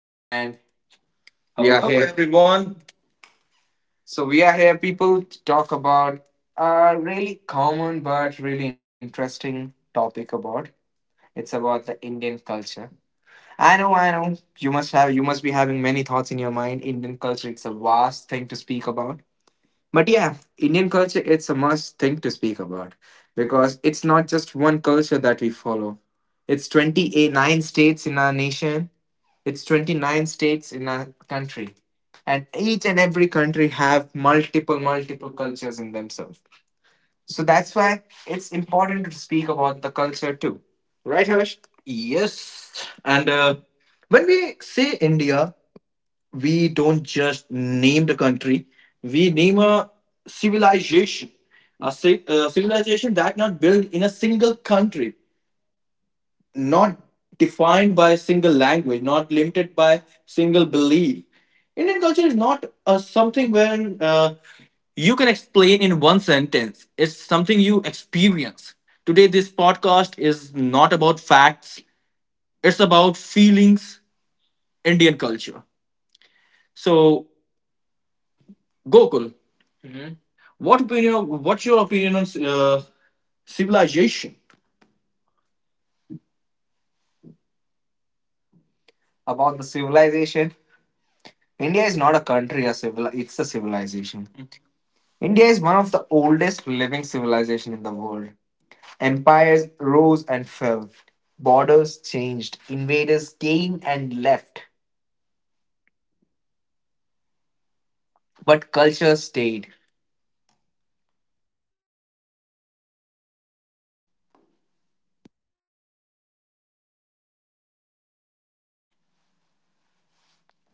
And we are Hello, here, everyone. So we are here, people, to talk about a really common but really interesting topic about. It's about the Indian culture. I know, I know. You must be many thoughts in your mind. Indian culture, it's a vast thing to speak about. But yeah, Indian culture, it's a must thing to speak about because it's not just one culture that we follow. It's 29 states in our nation. It's 29 states in a country. And each and every country have multiple cultures in themselves. So that's why it's important to speak about the culture too. Right, Harsh? Yes. And when we say India, we don't just name the country, we name a civilization. A civilization that not built in a single country, not defined by a single language, not limited by single belief. Indian culture is not something where you can explain in one sentence. It's something you experience. Today, this podcast is not about facts, it's about feelings, Indian culture. So, Gokul, Mhm, what's your opinion on civilization? About the civilization, India is not a country, it's a civilization. India is one of the oldest living civilization in the world. Empires rose and fell. Borders changed. Invaders came and left. But culture stayed.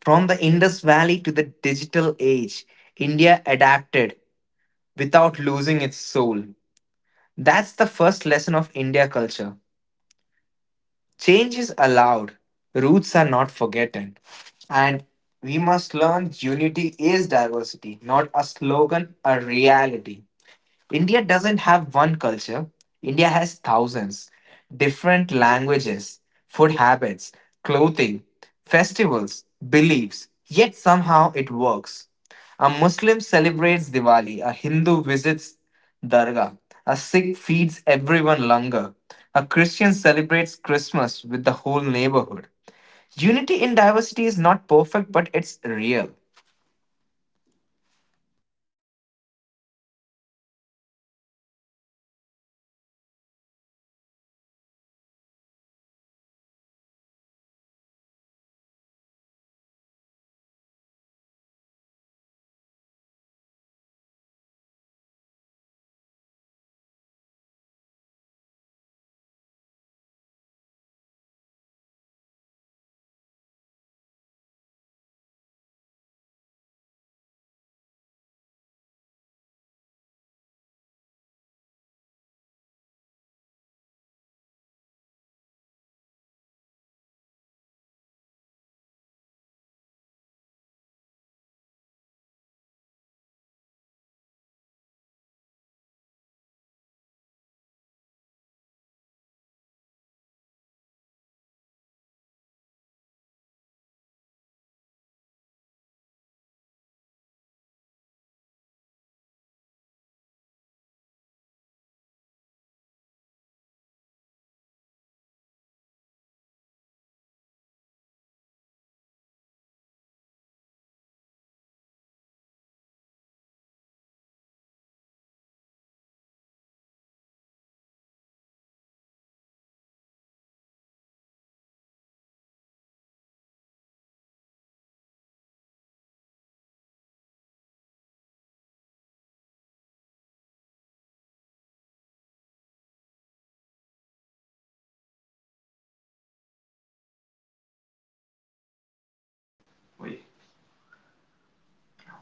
From the Indus Valley to the digital age, India adapted without losing its soul. That's the first lesson of India culture. Change is allowed. Roots are not forgotten. And we must learn unity is diversity, not a slogan, a reality. India doesn't have one culture. India has thousands. Different languages, food habits, clothing, festivals, beliefs. Yet somehow it works. A Muslim celebrates Diwali, a Hindu visits Dargah, a Sikh feeds everyone langar, a Christian celebrates Christmas with the whole neighborhood. Unity in diversity is not perfect, but it's real.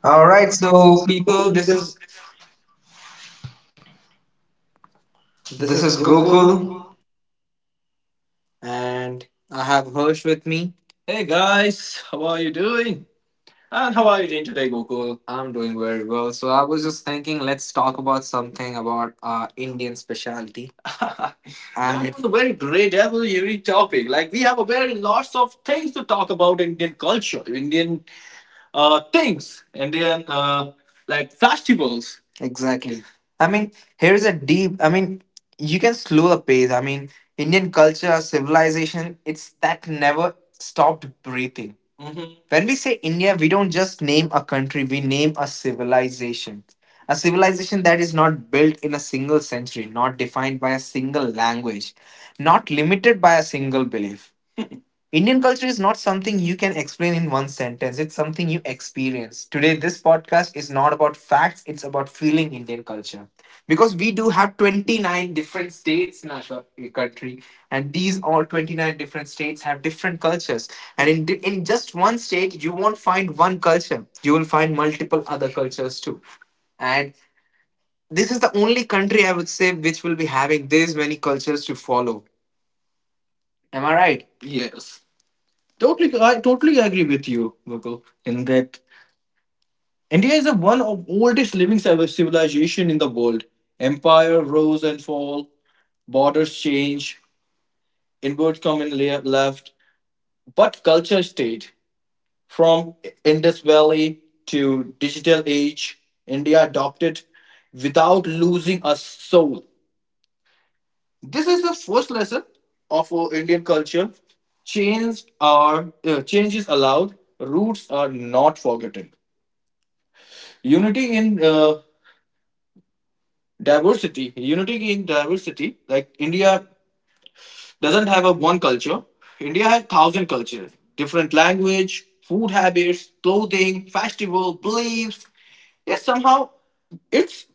All All right, right, so so people, people, this is this this is is Gokul, Gokul. and I have Hersh with me. Hey guys, how are you doing? And how are you doing today, Gokul? I'm doing very well. So I was just thinking, let's talk about something about Indian specialty. And that was a unique topic. Like we have a very lots of things to talk about Indian culture, Indian like festivals. Exactly. I mean, here is a deep. I mean, you can slow the pace. I mean, Indian culture, civilization, it's that never stopped breathing. Mhm. When we say India, we don't just name a country, we name a civilization. A civilization that is not built in a single century, not defined by a single language, not limited by a single belief. Indian culture is not something you can explain in one sentence. It's something you experience. Today, this podcast is not about facts, it's about feeling Indian culture. Because we do have 29 different states in country, and these all 29 different states have different cultures. And in just one state, you won't find one culture, you will find multiple other cultures too. And this is the only country I would say which will be having this many cultures to follow. Am I right? Yes. Totally, I totally agree with you, Mukul, in that India is the one of oldest living civilization in the world. Empire rose and fall, borders change, inward come and left, but culture stayed. From Indus Valley to digital age, India adopted without losing a soul. This is the first lesson of our Indian culture. Changes allowed. Roots are not forgotten. Unity in uh, Unity in diversity. Like India doesn't have a one culture. India has thousand cultures, different language, food habits, clothing, festival, beliefs. Yet somehow it's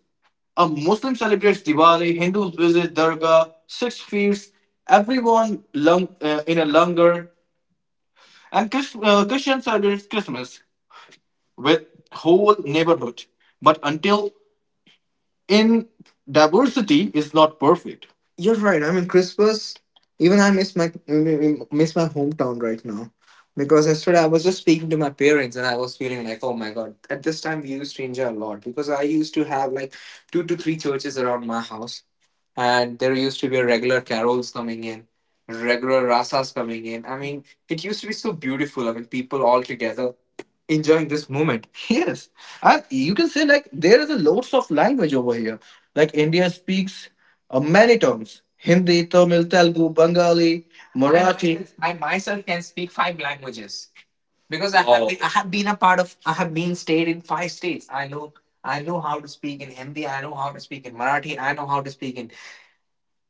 a Muslim celebrates Diwali, Hindus visit Durga, Sikhs feast, in a langar, and Christian celebrates Christmas with whole neighborhood. But until in diversity is not perfect. You're right. I mean, Christmas. Even I miss my hometown right now, because yesterday I was just speaking to my parents and I was feeling like, oh my god. At this time, we used to enjoy a lot because I used to have like two to three churches around my house, and there used to be regular carols coming in, regular rasas coming in. I mean, it used to be so beautiful. I mean, people all together enjoying this moment. Yes, and you can say like there is a loads of language over here. Like India speaks many terms: Hindi, Tamil, Telugu, Bengali, Marathi. I myself can speak five languages because Oh, I have been a part of I have been stayed in five states. I know how to speak in Hindi. I know how to speak in Marathi. I know how to speak in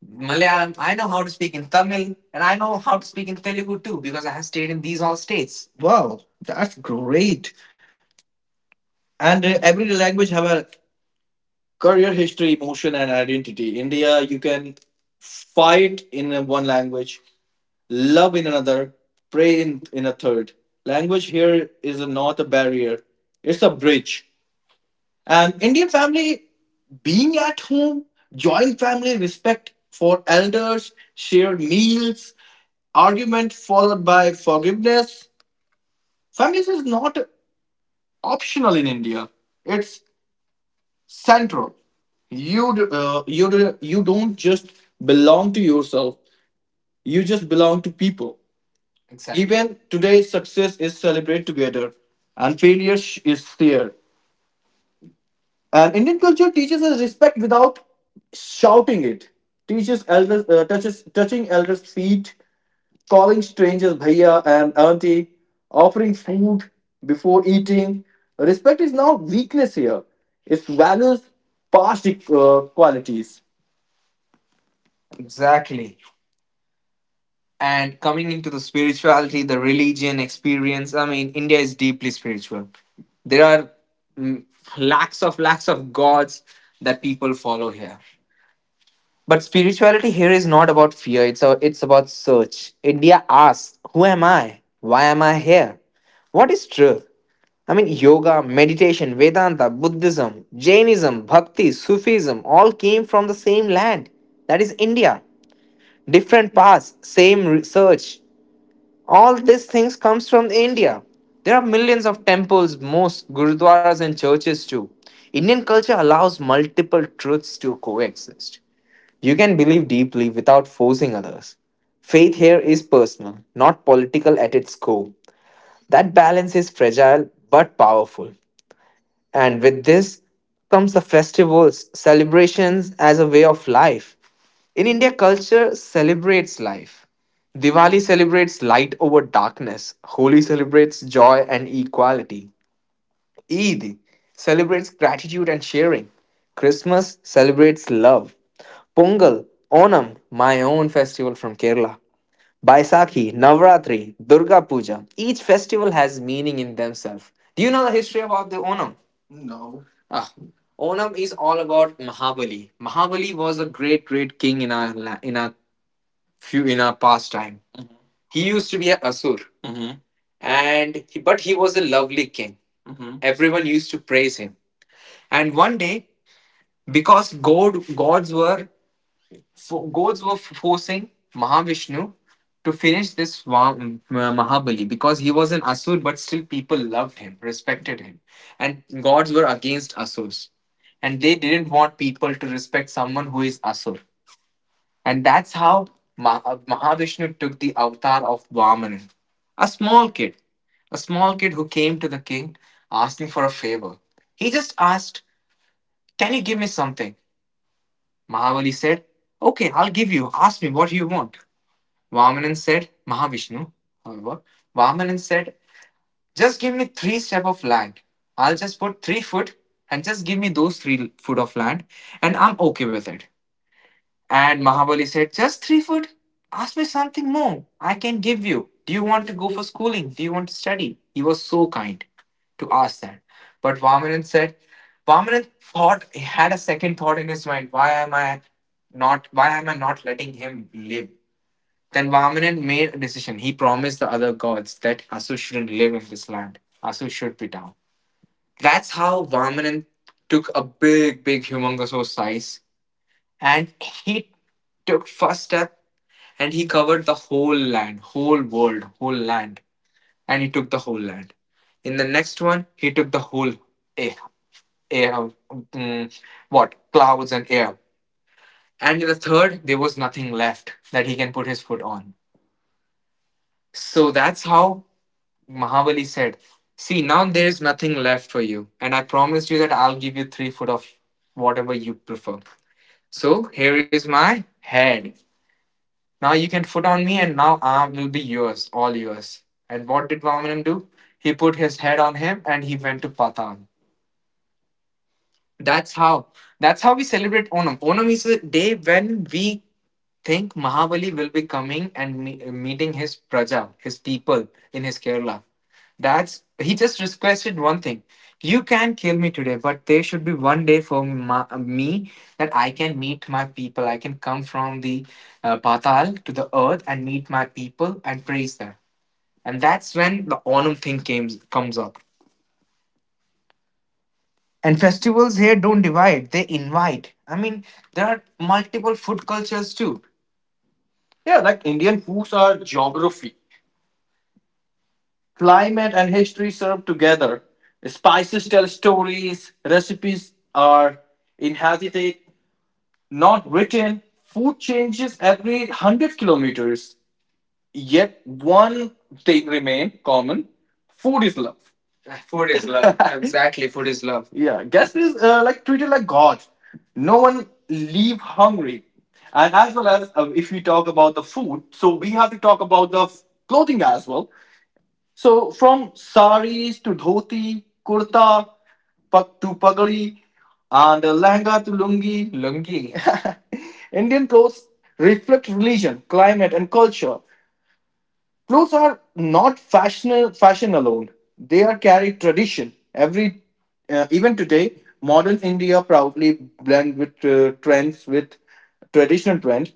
Malayalam. I know how to speak in Tamil, and I know how to speak in Telugu too because I have stayed in these all states. Wow, that's great, and every language have a career, history, emotion and identity. India, you can fight in a one language, love in another, pray in a third language. Here is not a barrier, it's a bridge. And Indian family being at home, joint family, respect for elders, shared meals, argument followed by forgiveness, families is not optional in India, it's central. You don't just belong to yourself. You just belong to people. Exactly. Even today's success is celebrated together, and is shared. And Indian culture teaches us respect without shouting it. Teaches elders touches touching elders' feet, calling strangers bhaiya and auntie, offering food before eating. Respect is now weakness here. It's values past qualities. Exactly. And coming into the spirituality, the religion experience, I mean, India is deeply spiritual. There are mm, lakhs of gods that people follow here. But spirituality here is not about fear, it's about search. India asks, who am I? Why am I here? What is truth? I mean, yoga, meditation, Vedanta, Buddhism, Jainism, Bhakti, Sufism all came from the same land. That is India, different paths, same research. All these things comes from India. There are millions of temples, mosques, gurudwaras and churches too. Indian culture allows multiple truths to coexist. You can believe deeply without forcing others. Faith here is personal, not political at its core. That balance is fragile but powerful. And with this comes the festivals, celebrations as a way of life. In India, culture celebrates life. Diwali celebrates light over darkness, Holi celebrates joy and equality, Eid celebrates gratitude and sharing, Christmas celebrates love, Pongal, Onam, my own festival from Kerala, Baisakhi, Navratri, Durga Puja. Each festival has meaning in themselves. Do you know the history about the Onam? No. Ah. Onam is all about Mahabali. Mahabali was a great king in our few in our past time. He used to be a Asur, Mhm, and he, but he was a lovely king. Mhm. Everyone used to praise him. And one day, because gods were gods were forcing Mahavishnu to finish this Mahabali because he was an Asur, but still people loved him, respected him. And gods were against Asurs. And they didn't want people to respect someone who is Asur. And that's how Mahavishnu took the avatar of Vamana, a small kid, a small kid who came to the king asking for a favor. He just asked, can you give me something? Mahavali said, okay, I'll give you. Ask me what you want. Vamanan said, Mahavishnu, however, Vamanan said, just give me three step of land. I'll just put 3 foot and just give me those 3 foot of land and I'm okay with it. And Mahabali said, just 3 foot? Ask me something more. I can give you. Do you want to go for schooling? Do you want to study? He was so kind to ask that. But Vamanan said, Vamanan thought, he had a second thought in his mind. Why am I not, why am I not letting him live? Then Vamanan made a decision. He promised the other gods that Asu shouldn't live in this land. Asu should be down. That's how Vamanan took a big humongous size and he took first step and he covered the whole land, whole world, whole land. And he took the whole land. In the next one, he took the whole air, air mm, what? Clouds and air. And in the third, there was nothing left that he can put his foot on. So that's how Mahabali said, see, now there is nothing left for you, and I promised you that I'll give you 3 foot of whatever you prefer. So here is my head. Now you can foot on me, and now I will be yours, all yours. And what did Vamanan do? He put his head on him and he went to Patan. That's how. That's how we celebrate Onam. Onam is a day when we think Mahabali will be coming and meeting his praja, his people in his Kerala. That's he just requested one thing: you can kill me today, but there should be one day for me that I can meet my people. I can come from the Patal to the earth and meet my people and praise them. And that's when the Onam thing comes up. And festivals here don't divide; they invite. I mean, there are multiple food cultures too. Yeah, like Indian foods are geography. Climate and history serve together. Spices tell stories, recipes are inhabited, not written. Food changes every 100 kilometers. Yet one thing remains common food is love. Food is love. Exactly, food is love. Yeah, guest is like treated like God. No one leave hungry. And as well as if we talk about the food, so we have to talk about the clothing as well. So from saris to dhoti, kurta to pagadi, and lehenga to lungi. Lungi. Indian clothes reflect religion, climate, and culture. Clothes are not fashion alone. They are carry tradition. Even today, modern India proudly blend with trends with traditional trend.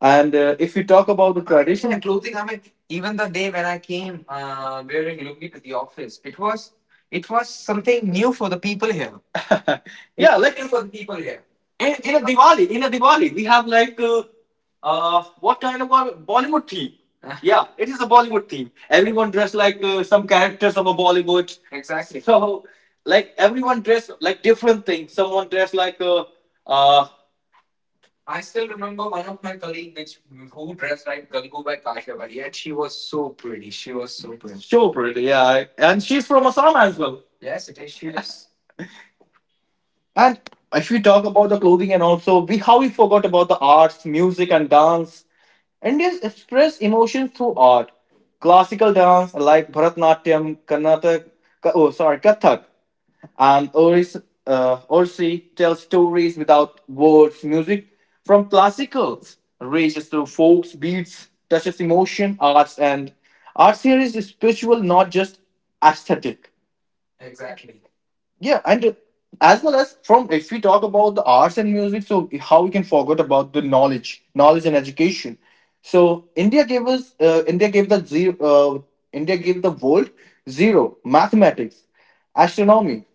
And if we talk about the traditional and clothing, I mean, even the day when I came wearing lungi to the office, it was something new for the people here. Yeah, like new for the people here. In a Diwali, in a Diwali, we have like what kind of a Bollywood theme? Yeah, it is a Bollywood theme. Everyone dressed like some characters of a Bollywood. Exactly. So, like everyone dressed like different things. Someone dressed like a. Uh, I still remember one of my colleagues which who dressed like Gangubai Kashyapari, and she was so pretty. She was so pretty. So pretty, yeah. And she's from Assam as well. Yes, it is. She is. And if we talk about the clothing and also we how we forgot about the arts, music and dance. Indians express emotions through art. Classical dance like Bharatanatyam, Karnataka, oh sorry, Kathak, and Oris, Orsi tell stories without words. Music from classicals rages through folks, beats, touches emotion, arts, and arts here is spiritual, not just aesthetic. Exactly. Yeah, and as well as from if we talk about the arts and music, so how we can forget about the knowledge and education. So India gave the India gave the world zero mathematics, astronomy,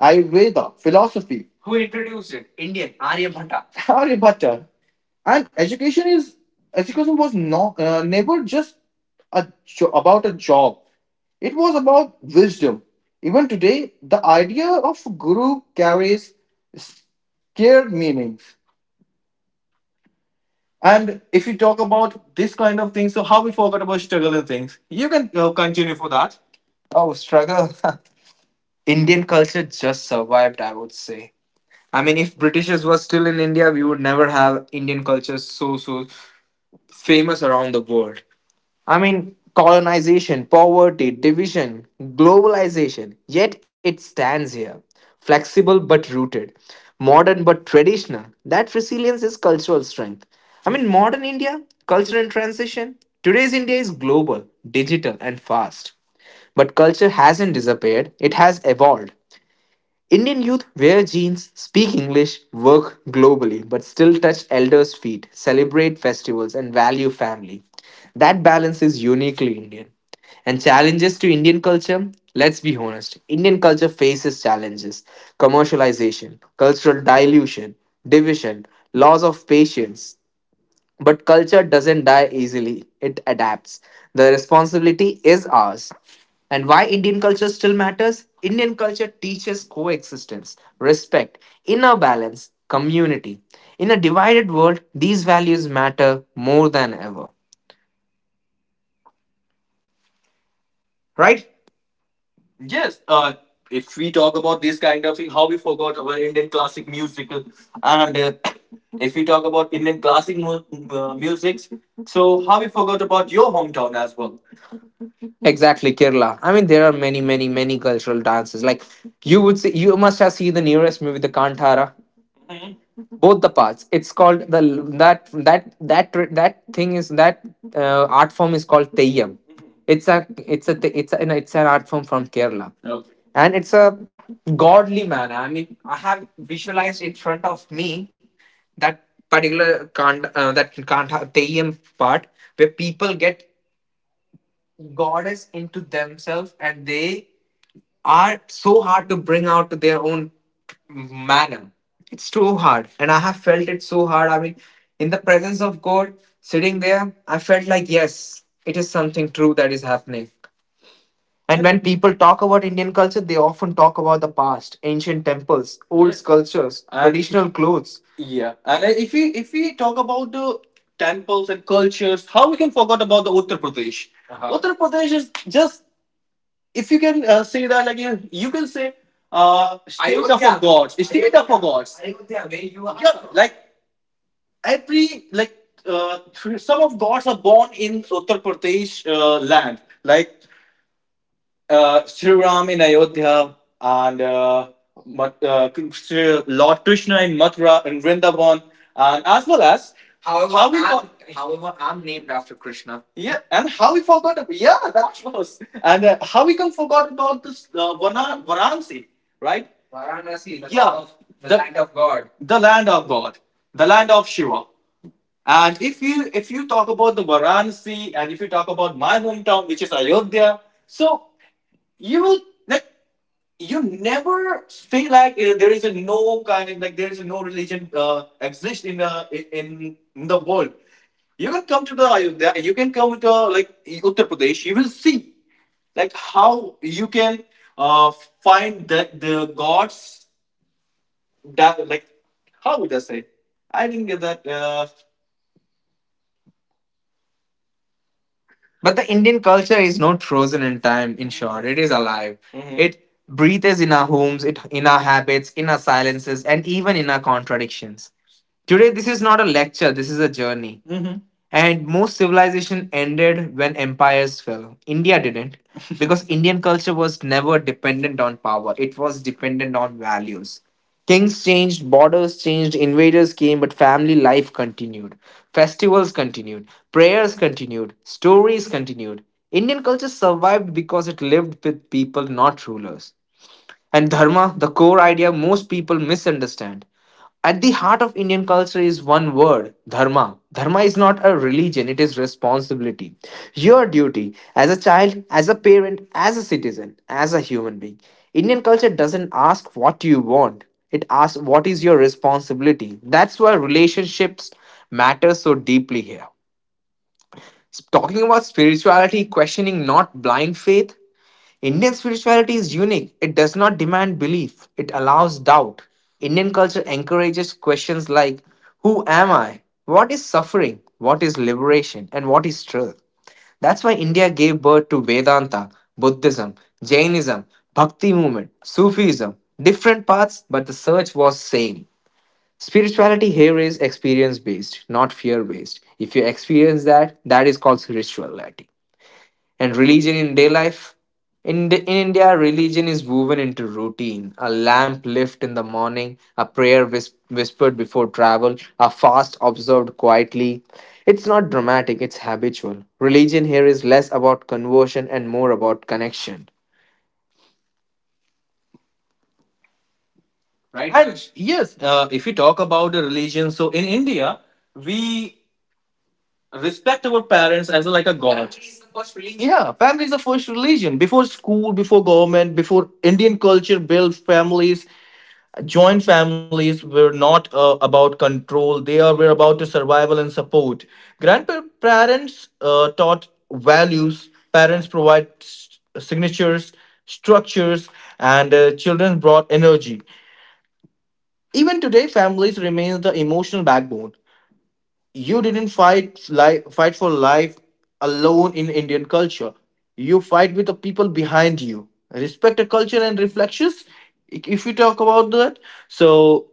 Ayurveda, philosophy. Who introduced it? Indian Aryabhatta. Aryabhatta, and education was not never just a about a job. It was about wisdom. Even today, the idea of guru carries scared meanings. And if you talk about this kind of thing, so how we forgot about struggle and things, you can continue for that. Oh, struggle. Indian culture just survived, I would say. I mean, if Britishers were still in India, we would never have Indian culture so famous around the world. I mean, colonization, poverty, division, globalization. Yet it stands here, flexible but rooted, modern but traditional. That resilience is cultural strength. I mean, modern India, culture in transition. Today's India is global, digital, and fast. But culture hasn't disappeared; it has evolved. Indian youth wear jeans, speak English, work globally, but still touch elders' feet, celebrate festivals, and value family. That balance is uniquely Indian. And challenges to Indian culture? Let's be honest. Indian culture faces challenges commercialization, cultural dilution, division, loss of patience, but culture doesn't die easily, it adapts. The responsibility is ours. And why Indian culture still matters? Indian culture teaches coexistence, respect, inner balance, community. In a divided world, these values matter more than ever. Right? Yes. If we talk about this kind of thing, how we forgot our Indian classic music, and if we talk about Indian classic music, so how we forgot about your hometown as well. Exactly, Kerala. I mean, there are many, many, many cultural dances. Like you would see, you must have seen the nearest movie, the Kantara. Both the parts. It's called the that thing is that art form is called Teyyam. It's an art form from Kerala. Okay. And it's a godly manner. I mean, I have visualized in front of me that particular Kant that Kanta Teyyam part where people get goddess into themselves and they are so hard to bring out to their own manner. It's too hard. And I have felt it so hard. I mean, in the presence of God, sitting there, I felt like, yes, it is something true that is happening. And when people talk about Indian culture, they often talk about the past, ancient temples, old sculptures, and traditional clothes. Yeah, and if we talk about the temples and cultures, how we can forget about the Uttar Pradesh? Uh-huh. Uttar Pradesh is just if you can say that like you can say state of a Ayodhya. God, state of a gods. Ayodhya, where you are. Yeah, like every like some of gods are born in Uttar Pradesh land. Like Sri Ram in Ayodhya and uh, Lord Krishna in Mathura and Vrindavan, and as well as However, how we I'm, however, I'm named after Krishna. Yeah, and how we forgot yeah that was and how we can forgot about this Varanasi, right? Varanasi, the, yeah, land of, land of God. The land of God, the land of Shiva. And if you talk about the Varanasi and if you talk about my hometown, which is Ayodhya, so you will like you never feel like there is a no kind like there is a no religion exist in in the world. You can come to the Ayodhya, you can come to like Uttar Pradesh. You will see like how you can uh, find the gods that like how would I say? I didn't get that. But the Indian culture is not frozen in time, in short. It is alive. Mhm. It breathes in our homes, it in our habits, in our silences, and even in our contradictions. Today, this is not a lecture, this is a journey. And most civilization ended when empires fell. India didn't because Indian culture was never dependent on power. It was dependent on values. Kings changed, borders changed, invaders came, but family life continued. Festivals continued, prayers continued, stories continued. Indian culture survived because it lived with people, not rulers. And dharma, the core idea most people misunderstand. At the heart of Indian culture is one word dharma. Dharma is not a religion, it is responsibility. Your duty as a child, as a parent, as a citizen, as a human being. Indian culture doesn't ask what you want, it asks what is your responsibility. That's why relationships matter so deeply here. Talking about spirituality, questioning not blind faith, Indian spirituality is unique. It does not demand belief, it allows doubt. Indian culture encourages questions like who am I? What is suffering? What is liberation? And what is truth? That's why India gave birth to Vedanta, Buddhism, Jainism, Bhakti movement, Sufism. Different paths, but the search was same. Spirituality here is experience based, not fear based. If you experience that, that is called spirituality. And religion in day life? In India, religion is woven into routine. A lamp lit in the morning, a prayer whispered before travel, a fast observed quietly. It's not dramatic, it's habitual. Religion here is less about conversion and more about connection. Right? And yes, if we talk about the religion, so in India, we respect our parents as like a god. Yeah, family is the first religion. Before school, before government, before Indian culture builds families. Joint families were not about control, were about to survival and support. Grandparents taught values, parents provide signatures, structures, and children brought energy. Even today, families remain the emotional backbone. You didn't fight for life alone in Indian culture. You fight with the people behind you. Respect the culture and reflections. If you talk about that, so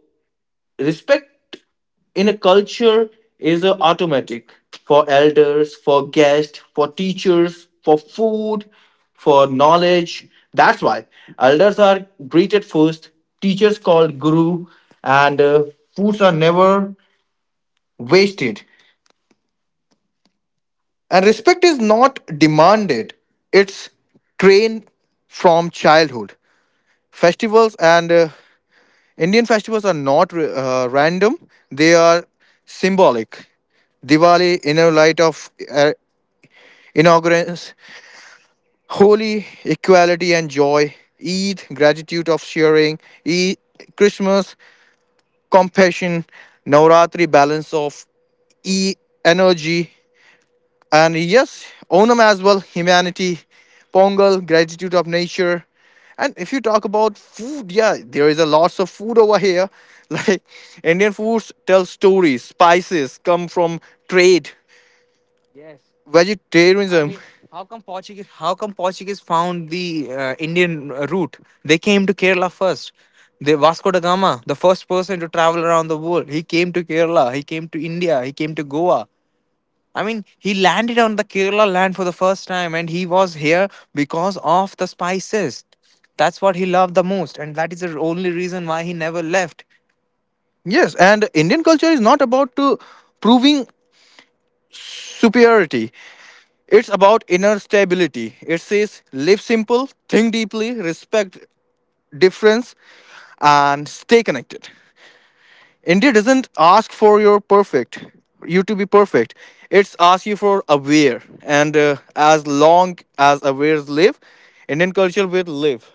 respect in a culture is automatic for elders, for guests, for teachers, for food, for knowledge. That's why elders are greeted first, teachers called guru, and foods are never wasted. And respect is not demanded, it's trained from childhood. Festivals and Indian festivals are not random, they are symbolic. Diwali in a light of inaugurance, Holi, equality and joy, Eid, gratitude of sharing, Eid, Christmas, compassion, Navratri, balance of E energy, and yes, Onam as well, humanity, Pongal, gratitude of nature. And if you talk about food, yeah, there is a lots of food over here. Like Indian foods tell stories. Spices come from trade. Yes. I vegetarianism mean, how come Portuguese? How come Portuguese found the Indian route? They came to Kerala first. They Vasco da Gama, the first person to travel around the world, he came to Kerala. He came to India. He came to Goa. I mean, he landed on the Kerala land for the first time, and he was here because of the spices. That's what he loved the most, and that is the only reason why he never left. Yes, and Indian culture is not about to proving superiority. It's about inner stability. It says live simple, think deeply, respect difference, and stay connected. India doesn't ask for your perfect, you to be perfect. It's ask you for aware, and as long as awares live, Indian culture will live.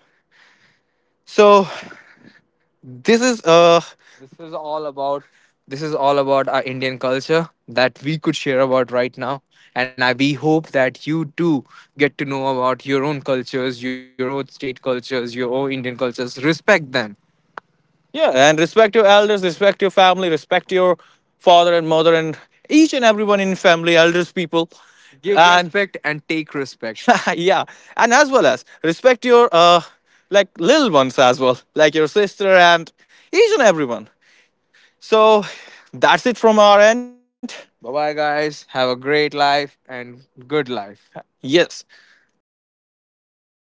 So this is uh this is all about this is all about our Indian culture that we could share about right now. And I we hope that you too get to know about your own cultures, your own state cultures, your own Indian cultures. Respect them. Yeah, and respect your elders, respect your family, respect your father and mother, and each and everyone in family, elders, people, give and respect and take respect. Yeah, and as well as respect your like little ones as well, like your sister and each and everyone. So that's it from our end. Bye bye, guys. Have a great life and good life. Yes, thank you for connecting with us.